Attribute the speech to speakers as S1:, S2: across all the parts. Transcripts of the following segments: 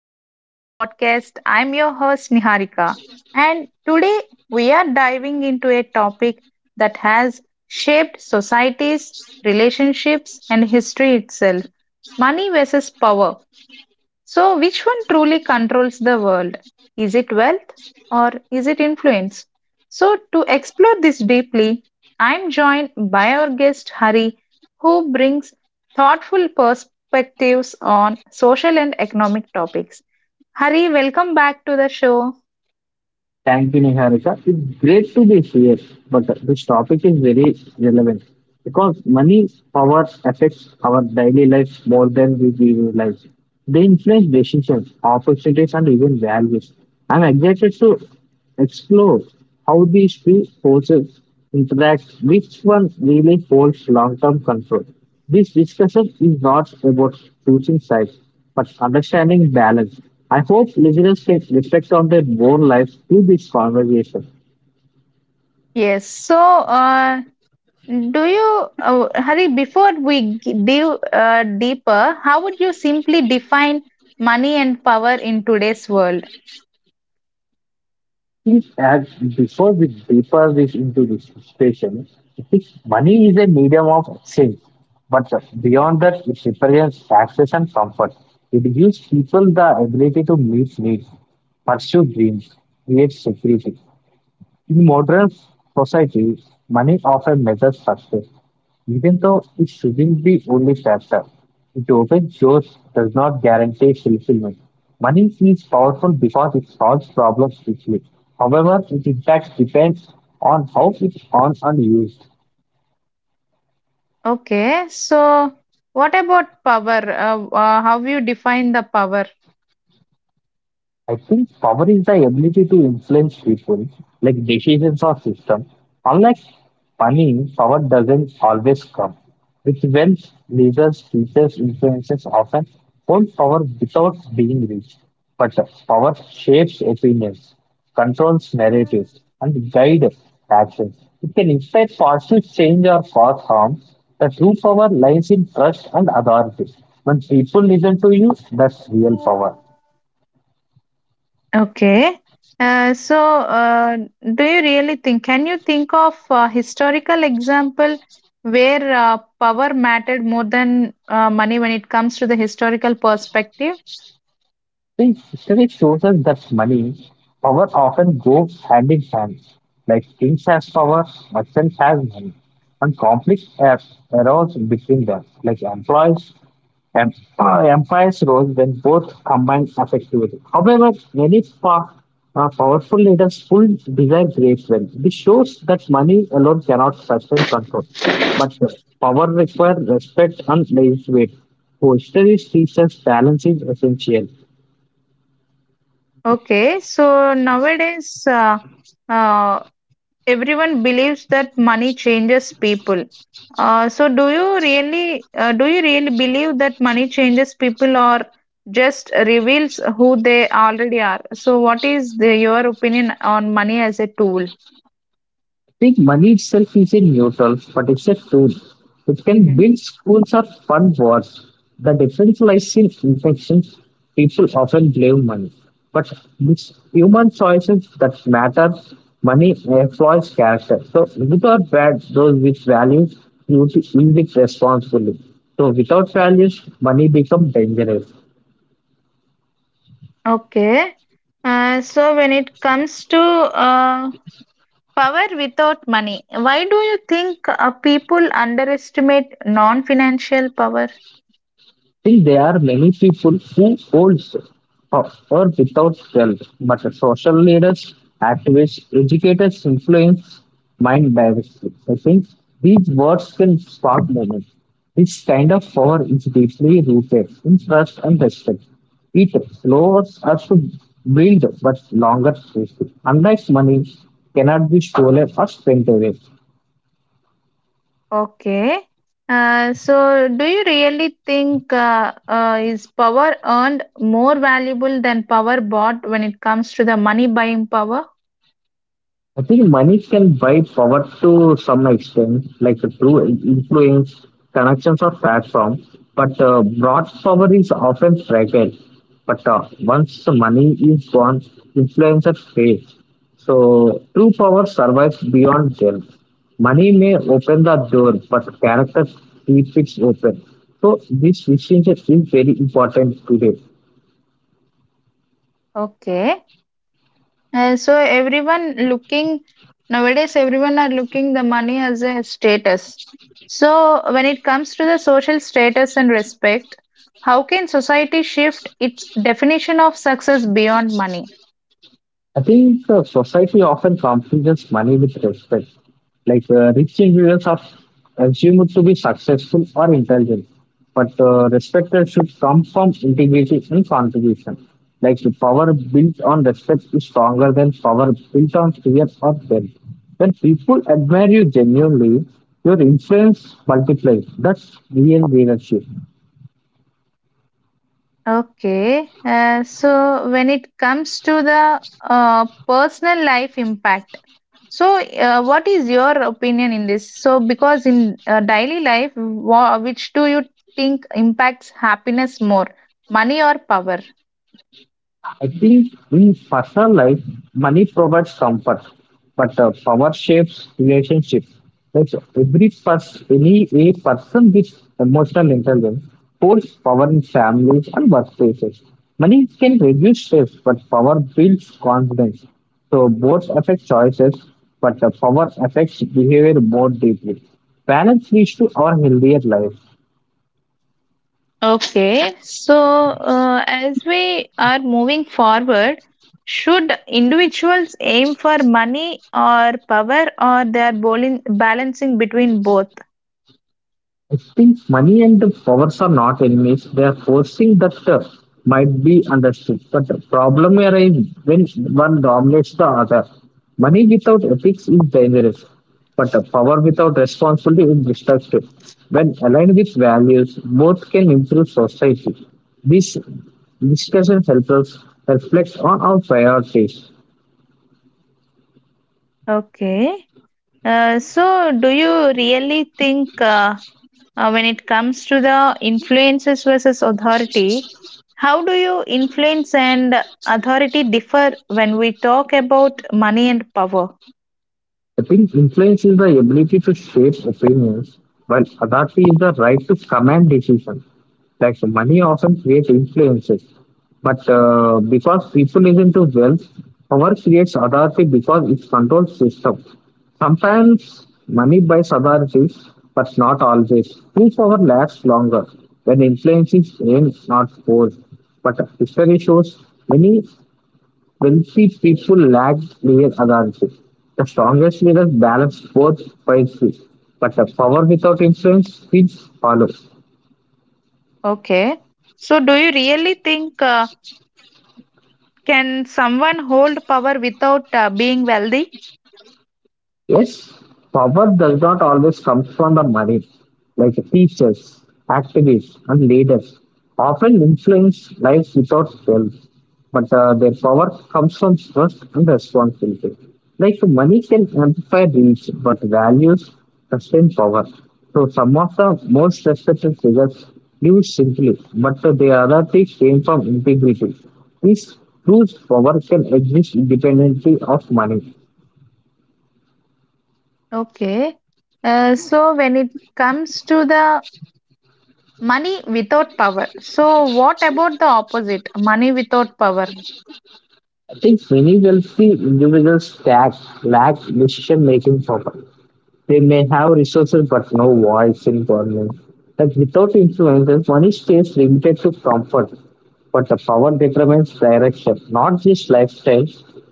S1: back to our podcast. I'm your host Niharika, and today we are diving into a topic that has shaped societies, relationships, and history itself, money versus power. So, which one truly controls the world? Is it wealth or is it influence? So, to explore this deeply, I'm joined by our guest Hari, who brings thoughtful perspectives on social and economic topics. Hari, welcome back to the show.
S2: Thank you, Niharika. It's great to be here, but this topic is very relevant because money power affects our daily lives more than we realize. They influence decisions, opportunities, and even values. I'm excited to explore how these two forces interact, which one really holds long term control. This discussion is not about choosing sides, but understanding balance. I hope listeners can reflect on their own lives through this conversation.
S1: Yes, so do you, Hari, before we dive deeper, how would you simply define money and power in today's world?
S2: Please add before we deeper this into this discussion, if money is a medium of exchange, but beyond that, it represents access and comfort. It gives people the ability to meet needs, pursue dreams, create security. In modern society, money often measures success, even though it shouldn't be only factor. It often shows does not guarantee fulfillment. Money is powerful because it solves problems quickly. However, its impact depends on how it's earned and used.
S1: Okay, so what about power? How you define the power?
S2: I think power is the ability to influence people, like decisions or system. Unlike money, power doesn't always come. With wealth, leaders, teachers, influencers often hold power without being rich. But power shapes opinions, controls narratives, and guides actions. It can inspire positive change or cause harm. The true power lies in trust and authority. When people listen to you, that's real power.
S1: Okay. Uh, so, uh, do you really think? Can you think of a historical example where power mattered more than money when it comes to the historical perspective?
S2: See, history shows us that money, power often go hand in hand. Like kings have power, merchants have money, and conflict ar- arose between them. Like employees and empires rose when both combined effectively. However, powerful leaders full desire great wealth. This shows that money alone cannot sustain control, but power requires respect and legitimate. So history teaches balance is essential.
S1: Okay, so nowadays, uh, everyone believes that money changes people. So do you really believe that money changes people or just reveals who they already are? So what is the, your opinion on money as a tool?
S2: Think money itself is a neutral, but it's a tool. It can
S1: Mhm.
S2: build schools or fund wars. The difference lies in infections. People often blame money. But it's human choices that matter. Money employs character. So good or bad, those with values, you to use it responsibly. So without values, money becomes dangerous.
S1: Okay. So when it comes to uh, power without money, why do you think people underestimate non-financial power?
S2: Still, there are many people who hold power without wealth, but social leaders, activists, educators influence mind directly. I think these words can spark movement. This kind of power is deeply rooted in trust and respect. It lowers us to build but longer safety. Unlike money, cannot be stolen or spent away.
S1: Okay. Do you really think is power earned more valuable than power bought when it comes to the money buying power?
S2: I think money can buy power to some extent, like through influence, connections, or platform. But broad power is often fragile. But once the money is gone, influence fades. So true power survives beyond wealth. Money may open the door, but character keeps it open. So this distinction is very important today.
S1: Okay. Everyone looking nowadays, everyone are looking the money as a status. So, when it comes to the social status and respect, how can society shift its definition of success beyond money?
S2: I think society often confuses money with respect. Like rich individuals are assumed to be successful or intelligent, but respect that should come from integrity and contribution. Like the power built on respect is stronger than power built on fear or wealth. When people admire you genuinely, your influence multiplies. That's real leadership.
S1: Okay, so when it comes to the personal life impact, so what is your opinion in this? So, because in daily life, which do you think impacts happiness more, money or power?
S2: I think in personal life, money provides comfort, but power shapes relationships. Like so every person, any a person with emotional intelligence holds power in families and workplaces. Money can reduce stress, but power builds confidence. So both affect choices, but the power affects behavior more deeply. Balance leads to our healthier life.
S1: Okay, so as we are moving forward, should individuals aim for money or power, or they are balancing between both?
S2: I think money and the powers are not enemies. They are forcing that might be understood. But the problem arises when one dominates the other. Money without ethics is dangerous, but power without responsibility is destructive. When aligned with values, both can improve society. This discussion helps us reflect on our priorities.
S1: Okay. Do you really think when it comes to the influences versus authority, how do you influence and authority differ when we talk about money and power?
S2: I think influence is the ability to shape opinions, while authority is the right to command decisions. Like so money often creates influences, but because people is not into wealth, power creates authority because it controls system. Sometimes money buys authority, but not always. True power lasts longer when influence is aimed, not forced. But history shows many wealthy people lack clear authority. The strongest leaders balance both wisely, but the power without influence feels hollow.
S1: Okay. So, do you really think can someone hold power without being wealthy?
S2: Yes, power does not always come from the money. Like teachers, activists, and leaders often influence lives without wealth, but their power comes from trust and responsibility. Like money can amplify reach, but values sustain power. So some of the most respected figures lived simply, but their authority came from integrity. This proves power can exist independently of money.
S1: Okay. When it comes to the money without power, so what about the opposite, money without power?
S2: I think many wealthy individuals lack decision making power. They may have resources but no voice in government. Like without influence, their money stays limited to comfort, but the power determines direction, not just lifestyle.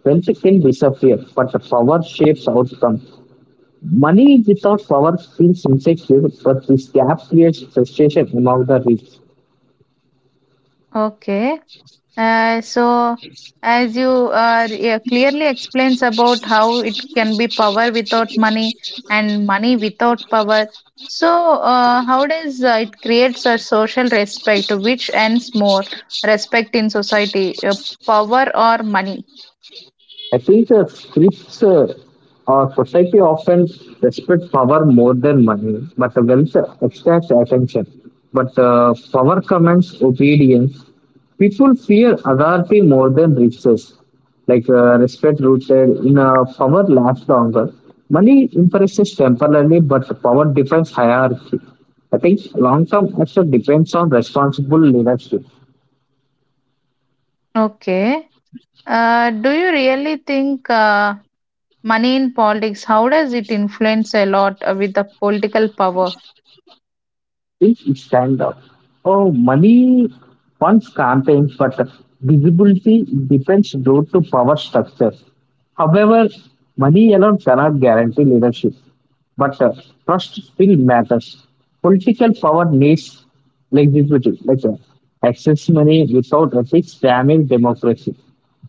S2: Wealth can disappear, but the power shapes outcome. Money without power feels insecure, but this gap creates frustration among the rich.
S1: Okay. Uh, so, as you yeah, clearly explains about how it can be power without money and money without power. So, how does it creates a social respect? Which ends more respect in society, power or money?
S2: I think the Scripts or society often respect power more than money, but the wealth extracts attention. But power commands obedience. People fear authority more than riches. Like respect rooted in power lasts longer. Money impresses temporarily, but power defines hierarchy. I think long term action depends on responsible leadership.
S1: Okay. Do you really think money in politics? How does it influence a lot with the political power?
S2: Things stand out. Oh, money funds campaigns, but visibility depends due to power structures. However, money alone cannot guarantee leadership, but trust still matters. Political power needs legislative, like excess money without ethics damage democracy.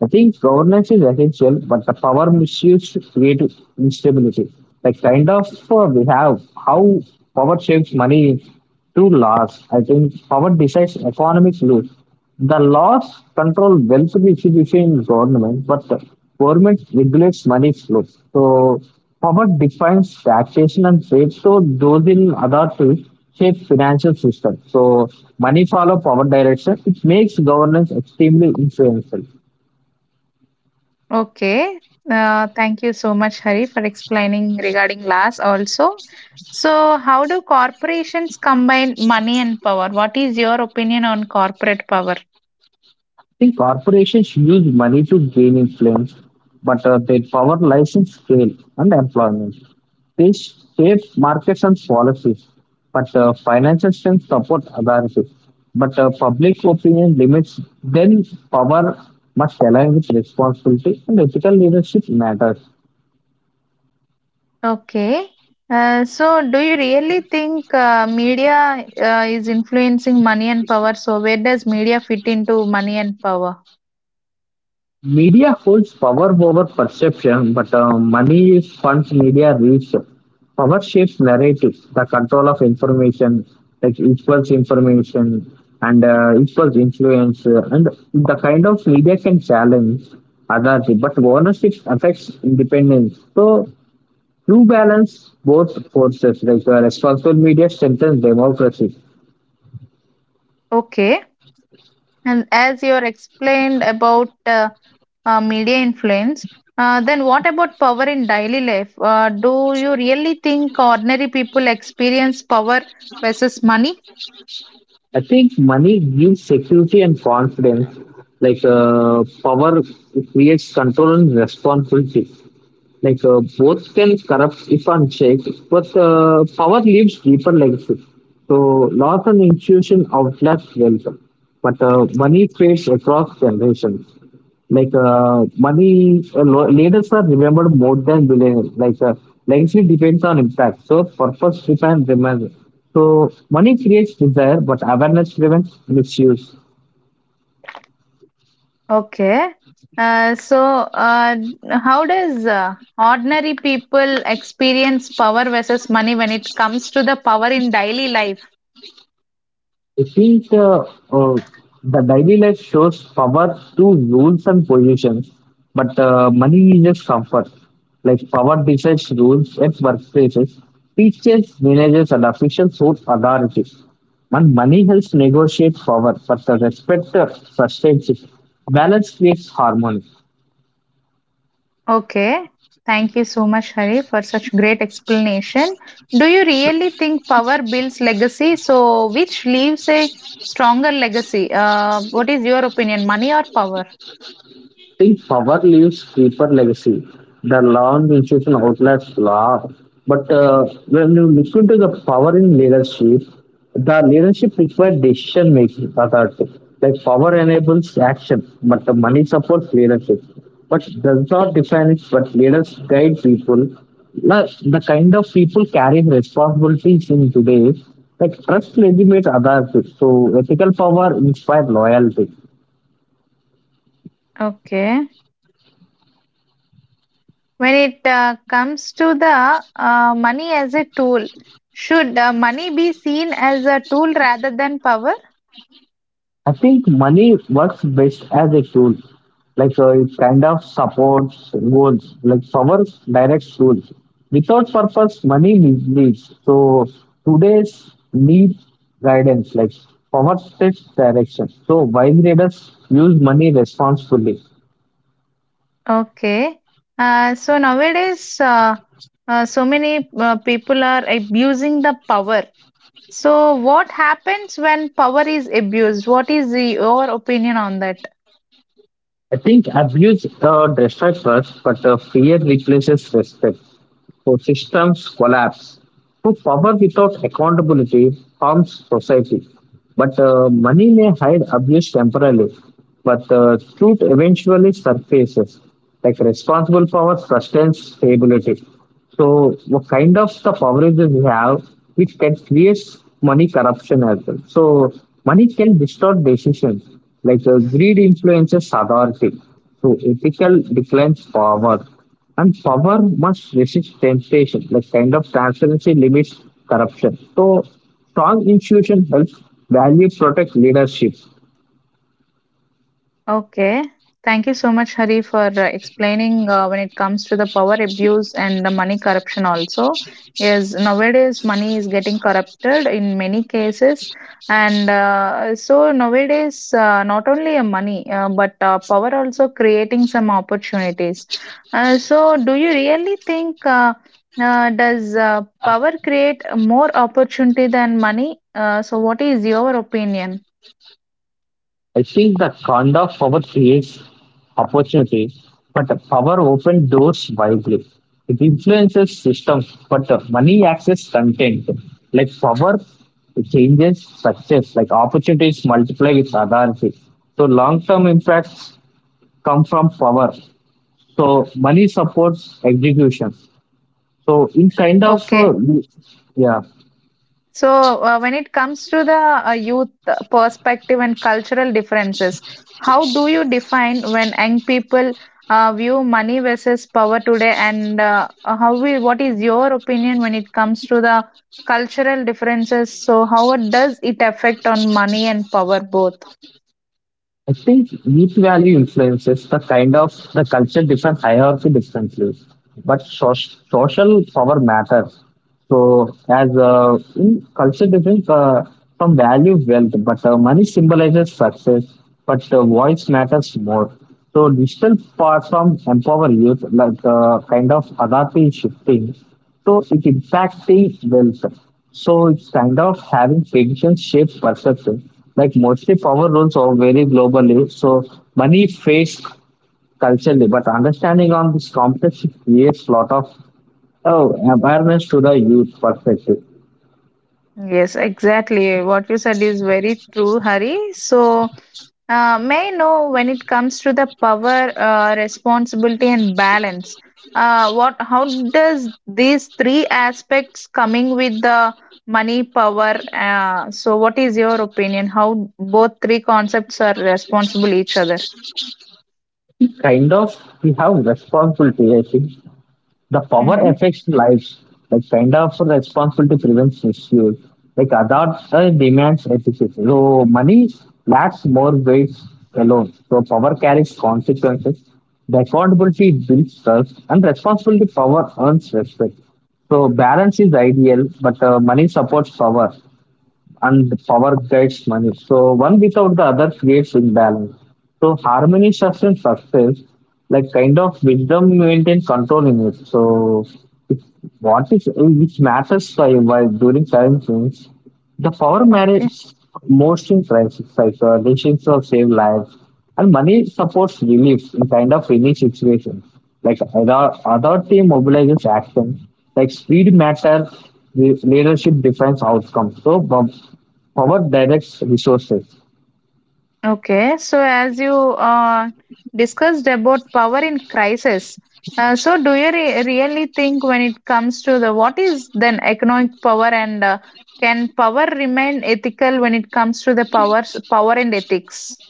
S2: I think governance is essential, but the power misuse creates instability. Like kind of we have how power shapes money to laws. I think power decides economic rules. The laws control wealth distribution in government, but the government regulates money flow. So power defines taxation and trade. So those in authority shape financial system. So money follow power direction. It makes governance extremely influential.
S1: Okay. Thank you so much, Hari, for explaining regarding LAS also. So, how do corporations combine money and power? What is your opinion on corporate power?
S2: See, corporations use money to gain influence, but their power lies in scale and employment. They shape markets and policies, but financial strength support authority. But public opinion limits, then power must align with responsibility and ethical leadership matters.
S1: Okay. Do you really think media is influencing money and power? So, where does media fit into money and power?
S2: Media holds power over perception, but money funds media reach. Power shapes narratives. The control of information, like equals information and equals influence, and the kind of media can challenge authority, but ownership affects independence. So, you balance both forces. Like responsible media strengthens democracy.
S1: Okay. And as you are explained about media influence, then what about power in daily life? Do you really think ordinary people experience power versus money?
S2: I think money gives security and confidence. Like power creates control and responsibility. Like both can corrupt if unchecked, but power leaves deeper legacy. So loss and institution outlast wealth, but money fades across generations. Like leaders are remembered more than billionaires. Like legacy depends on impact. So purpose defines remembrance. So money creates desire, but awareness prevents misuse.
S1: Okay. Uh, so, uh, how does ordinary people experience power versus money when it comes to the power in daily life?
S2: I think uh, the daily life shows power to rules and positions, but money is just comfort. Like power decides rules at workplaces, teachers, managers, and officials hold authorities. And money helps negotiate power, but the respect sustains it. Balance creates harmony.
S1: Okay. Thank you so much, Hari, for such great explanation. Do you really think power builds legacy? So, which leaves a stronger legacy? What is your opinion, money or power?
S2: Think power leaves deeper legacy. The long institution outlets law. But when you look into the power in leadership, the leadership requires decision making authority. Like power enables action, but the money supports leadership. But does not define it, but leaders guide people. Now, the kind of people carrying responsibilities in today, like trust legitimate authority. So ethical power inspires loyalty.
S1: Okay. When it comes to the money as a tool, should money be seen as a tool rather than power?
S2: I think money works best as a tool. Like it kind of supports goals, like power directs goals. Without purpose, money misleads. So today's need guidance, like power sets direction. So wise traders use money responsibly.
S1: Okay. So nowadays, so many people are abusing the power. So, what happens when power is abused? What is the, your opinion on that?
S2: I think abuse destroys trust, but fear replaces respect. So systems collapse. So power without accountability harms society. But money may hide abuse temporarily, but truth eventually surfaces. Like responsible power sustains stability. So what kind of the power that we have, which can create money corruption as well. So money can distort decisions. Like greed influences authority. So ethical declines power. And power must resist temptation, like kind of transparency limits corruption. So strong institution helps value protect leadership.
S1: Okay. Thank you so much, Hari, for explaining when it comes to the power abuse and the money corruption also. Yes, nowadays money is getting corrupted in many cases. And so nowadays, not only a money, but power also creating some opportunities. So do you really think does power create more opportunity than money? So what is your opinion?
S2: I think that kind of power creates opportunities, but the power opens doors widely. It influences systems, but the money access content. Like power changes success, like opportunities multiply with authority. So long term impacts come from power. So money supports execution. So in kind of
S1: Okay.
S2: yeah,
S1: So, when it comes to the youth perspective and cultural differences, how do you define when young people view money versus power today, and how we, what is your opinion when it comes to the cultural differences? So, does it affect on money and power both?
S2: I think each value influences the kind of the culture different hierarchy differently, but so- social power matters. So as in culture difference from value wealth, but money symbolizes success, but voice matters more. So digital platform empower youth like kind of Adati shifting. So it impacts welfare. So it's kind of having patience shape perception. Like mostly power rules are very globally. So money fades culturally, but understanding on this complex it creates lot of oh, awareness to the youth perspective.
S1: Yes, exactly. What you said is very true, Hari. So. May I know when it comes to the power, responsibility, and balance, what how does these three aspects coming with the money, power? What is your opinion? How both three concepts are responsible each other?
S2: Kind of we have responsibility, I think the power
S1: Mm-hmm.
S2: affects lives, like kind of responsibility prevents misuse. Like other demands efficiency. So money lacks more weight alone. So power carries consequences. The accountability builds trust and responsibility power earns respect. So balance is ideal, but money supports power and the power guides money. So one without the other creates imbalance. So harmony sustains success, like kind of wisdom maintains control in it. It's, what is which matters for you while during current things. The power
S1: Okay.
S2: marriage most in crisis, like decisions of save lives, and money supports relief in kind of any situation. Like other authority mobilizes action, like speed matters, the leadership defines outcomes. So power directs resources.
S1: Okay, so as you discussed about power in crisis, so do you really think when it comes to the what is then economic power and can power remain ethical when it comes to the powers power and ethics?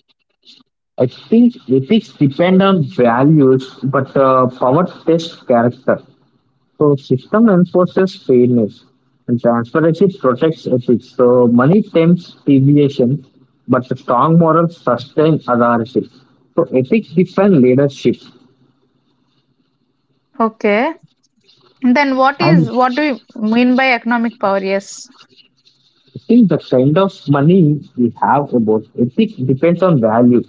S2: I think ethics depend on values, but power tests character. So system enforces fairness and transparency protects ethics. So money tempts deviation, but the strong morals sustain authority. So ethics define leadership.
S1: Okay, then what
S2: And I
S1: is what do you mean by economic power? Yes.
S2: think the kind of money we have about ethics depends on value,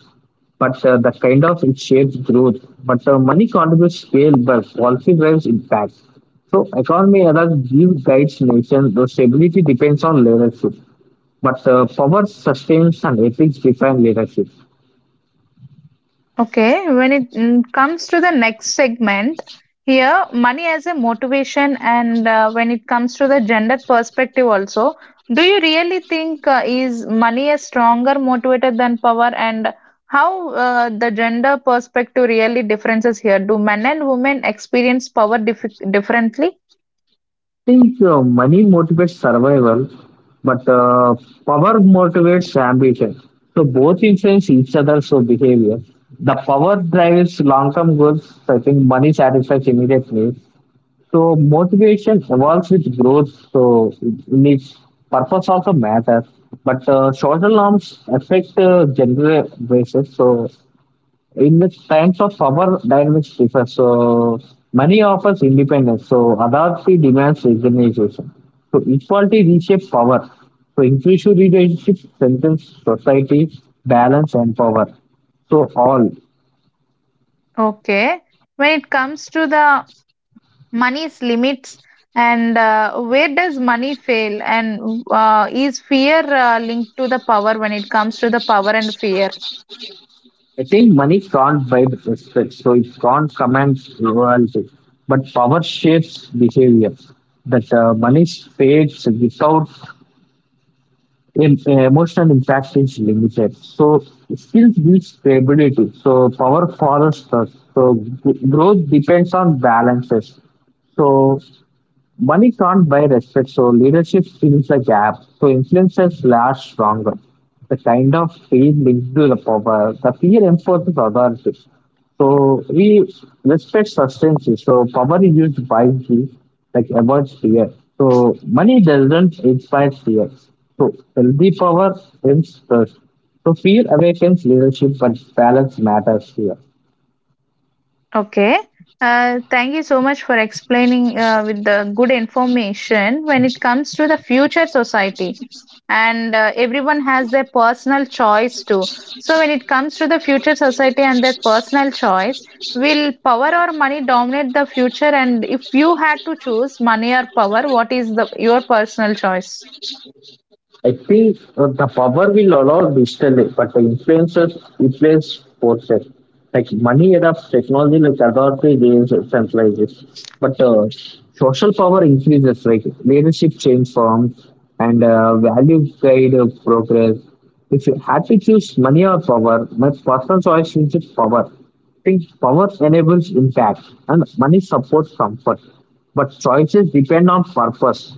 S2: but the kind of it shapes growth. But money contributes scale, but policy drives impact. So economy others give guides nation. The stability depends on leadership. But power sustains and ethics define leadership.
S1: Okay, when it comes to the next segment, here money as a motivation, and when it comes to the gender perspective, also, do you really think is money a stronger motivator than power, and how the gender perspective really differences here? Do men and women experience power differently?
S2: I think money motivates survival, but power motivates ambition. So both influence each other. So behavior. The power drives long-term goals. I think money satisfies immediate needs. So motivation evolves with growth. So it needs purpose also matters. But social norms affect general basis. So in the times of power dynamics differ. So money offers independence. So authority demands recognition. So equality reshapes power. So inclusive leadership strengthens society, balance and power. So all.
S1: Okay, when it comes to the money's limits and where does money fail and is fear linked to the power when it comes to the power and fear.
S2: I think money can't buy the respect. So it can't command loyalty. But power shapes behavior. That money fades without emotional impact is limited. So skills need stability. So power follows trust. So growth depends on balances. So money can't buy respect, so leadership fills the gap. So influencers last stronger. The kind of fear linked to the power, the fear enforces authority. So we respect substance. So power is used wisely, like avoids fear. So money doesn't inspire fear. So healthy power wins trust. So fear awakens leadership, but balance matters here.
S1: Okay. Thank you so much for explaining with the good information when it comes to the future society. And everyone has their personal choice too. So, when it comes to the future society and their personal choice, will power or money dominate the future? And if you had to choose money or power, what is the your personal choice?
S2: I think the power will allow digital, but the influencers influence forces. Like money adopts technology, like authority gains centralizes. But social power increases, like leadership change forms and value guide progress. If you had to choose money or power, my personal choice is just power think power enables impact and money supports comfort, but choices depend on purpose.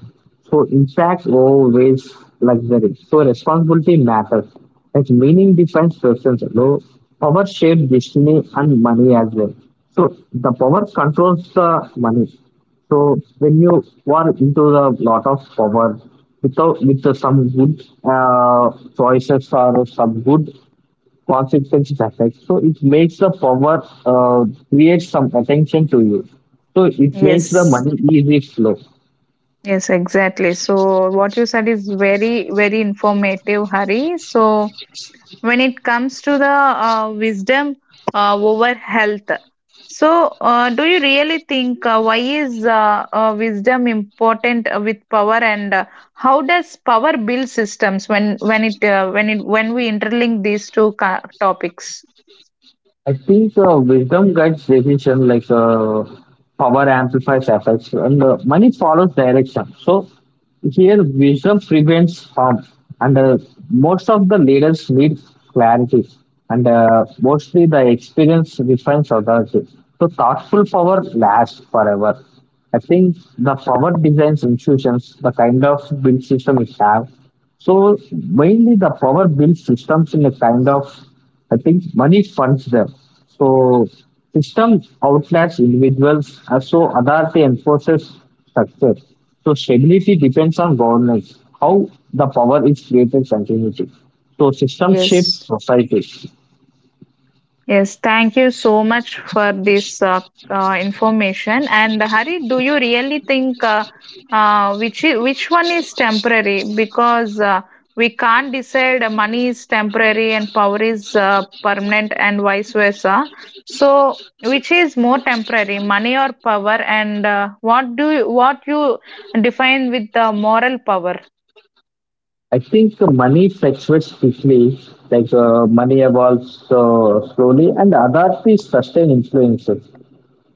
S2: So impact always luxury. So responsibility matters. Like meaning defines persons. Though power shapes destiny and money as well. So the power controls the money. So when you are into the lot of power without with some good choices or some good consequences effect. So it makes the power create some attention to you. So it makes the
S1: Yes.
S2: money easy flow.
S1: Yes, exactly. So, what you said is very, very informative, Hari. So, when it comes to the wisdom over health so do you really think why is wisdom important with power and how does power build systems when it when it when we interlink these two topics.
S2: I think wisdom guides decision, like power amplifies effects, and money follows direction. So here, wisdom prevents harm, and most of the leaders need clarity, and mostly the experience refines authority. So thoughtful power lasts forever. I think the power designs institutions, the kind of build system we have, so mainly the power builds systems in a kind of, I think money funds them. So system outlasts individuals, so authority enforces structure. So stability depends on governance, how the power is created continuity. So system shapes
S1: Yes.
S2: society.
S1: Yes, thank you so much for this information. And Hari, do you really think which which one is temporary? Because we can't decide money is temporary and power is permanent, and vice versa. So, which is more temporary, money or power? And what do you, what you define with the moral power?
S2: I think money fluctuates quickly, like money evolves slowly, and authorities sustain influences.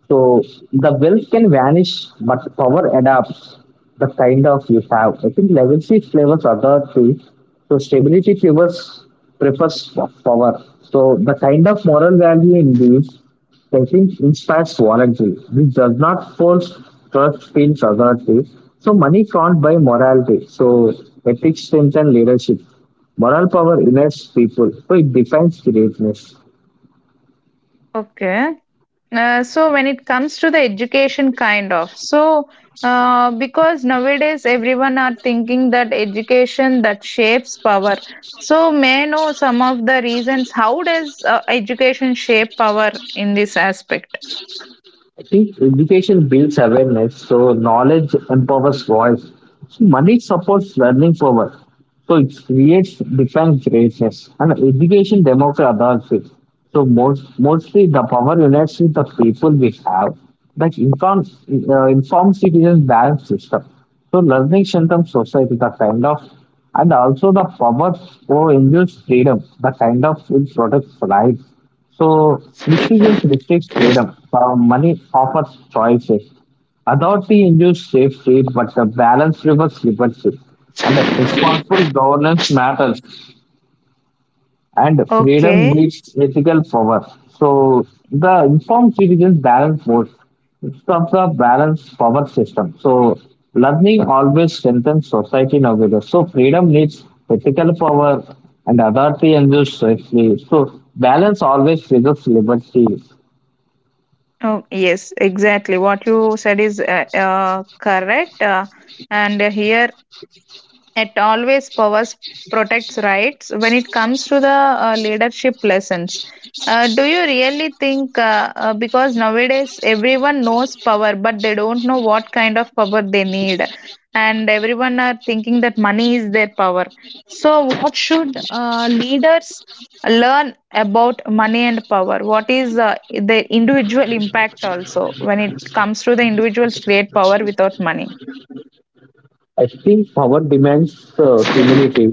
S2: So the wealth can vanish, but power adapts the kind of you have. I think legacy flavors other three. So stability flavors prefers power. So the kind of moral value in these I think inspires loyalty. This does not force trust feels authority. So money can't buy morality. So ethics strengthen leadership. Moral power unites people. So it defines greatness.
S1: Okay. So when it comes to the education kind of so because nowadays everyone are thinking that education that shapes power, so may I know some of the reasons how does education shape power in this aspect?
S2: I think education builds awareness, so knowledge empowers voice. So money supports learning forward. So it creates defines greatness. And education democracy advances. So mostly the power unites with the people we have. That informs citizens balance system. So learning strengthens society, the kind of, and also the power for induce freedom, the kind of which protects life. So misuses restricts freedom. So money offers choices. Authority ensures safety, but the balance reverses liberty. And the responsible governance matters. And freedom
S1: Okay.
S2: needs ethical power. So the informed citizens balance both. It's of the balanced power system. So learning always strengthens society nowadays. So freedom needs ethical power and authority and ensures safety. So balance always preserves liberty.
S1: Oh yes, exactly what you said is correct, and here it always powers protects rights. When it comes to the leadership lessons, do you really think because nowadays everyone knows power, but they don't know what kind of power they need, and everyone are thinking that money is their power. So, what should leaders learn about money and power? What is their individual impact also when it comes to the individuals create power without money?
S2: Extreme power demands humility,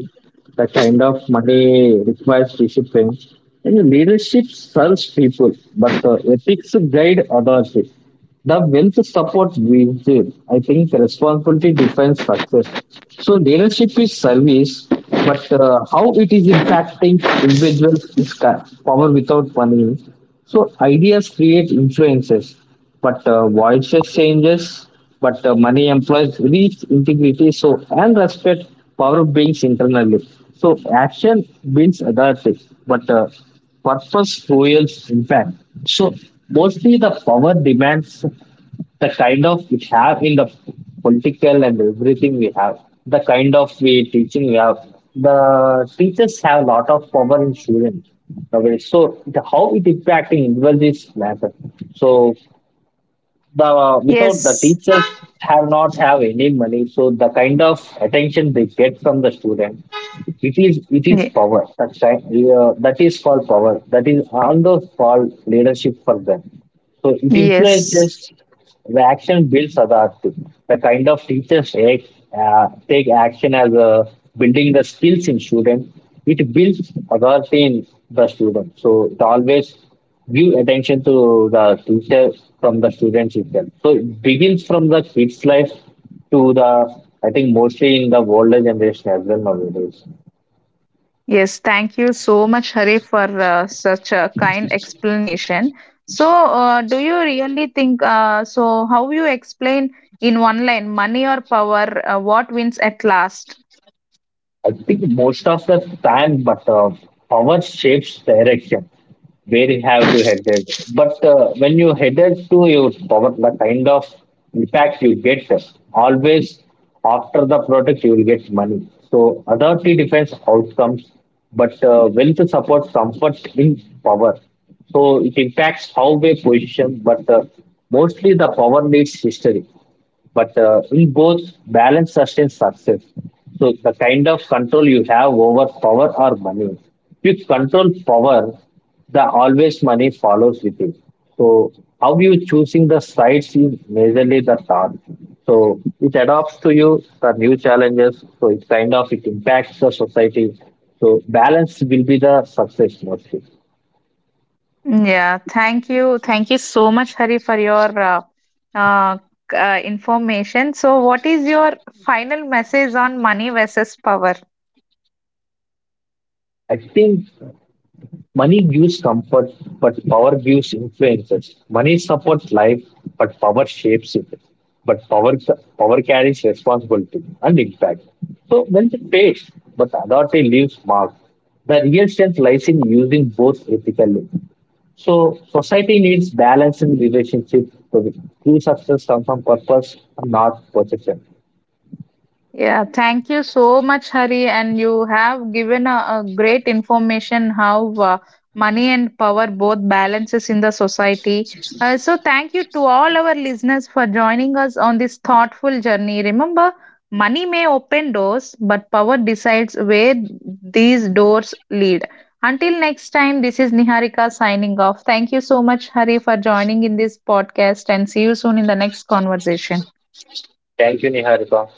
S2: the kind of money requires discipline, and leadership serves people, but ethics guide others the wealth support we did. I think responsibility defines success, so leadership is service, but how it is impacting individuals is power without money. So ideas create influences, but voices changes, but money employs reach integrity so and respect power brings internally. So action builds authority, but purpose fuels impact. So mostly the power demands the kind of we have in the political and everything we have, the kind of we teaching we have. The teachers have a lot of power in students. Okay, so the, how it impacting individuals matter. So the without the
S1: Yes.
S2: teachers have not have any money, so the kind of attention they get from the student, it is
S1: Ye-.
S2: power, that's right, that is called power, that is also called leadership for them. So it
S1: Yes.
S2: influences the action builds authority, the kind of teachers take, take action as a building the skills in student. It builds authority in the student, so it always give attention to the teacher from the students itself. So it begins from the kids' life to the, I think, mostly in the older generation as well nowadays.
S1: Yes, thank you so much, Hari, for such a kind explanation. So, do you really think so? How you explain in one line, money or power, what wins at last?
S2: I think most of the time, but power shapes direction where you have to headed. But when you headed to your power, the kind of impact you get always after the product, you will get money. So authority defines outcomes, but wealth supports comfort in power. So it impacts how we position, but mostly the power needs history, but in both balance sustains success. So the kind of control you have over power or money, if you control power, the always money follows with it. So how you choosing the sides is majorly the thought. So it adapts to you the new challenges, so it kind of it impacts the society. So balance will be the success mostly.
S1: Mm. Yeah, thank you so much, Hari, for your uh, information. So, what is your final message on money versus power?
S2: I think money gives comfort, but power gives influences. Money supports life, but power shapes it. But power carries responsibility and impact. So wealth pays, but authority leaves mark. The real strength lies in using both ethically. So society needs balance in relationship. So true success comes from purpose and not possession.
S1: Yeah, thank you so much, Hari, and you have given a great information how money and power both balances in the society. So thank you to all our listeners for joining us on this thoughtful journey. Remember, money may open doors, but power decides where these doors lead. Until next time, this is Niharika signing off. Thank you so much, Hari, for joining in this podcast, and see you soon in the next conversation.
S2: Thank you, Niharika.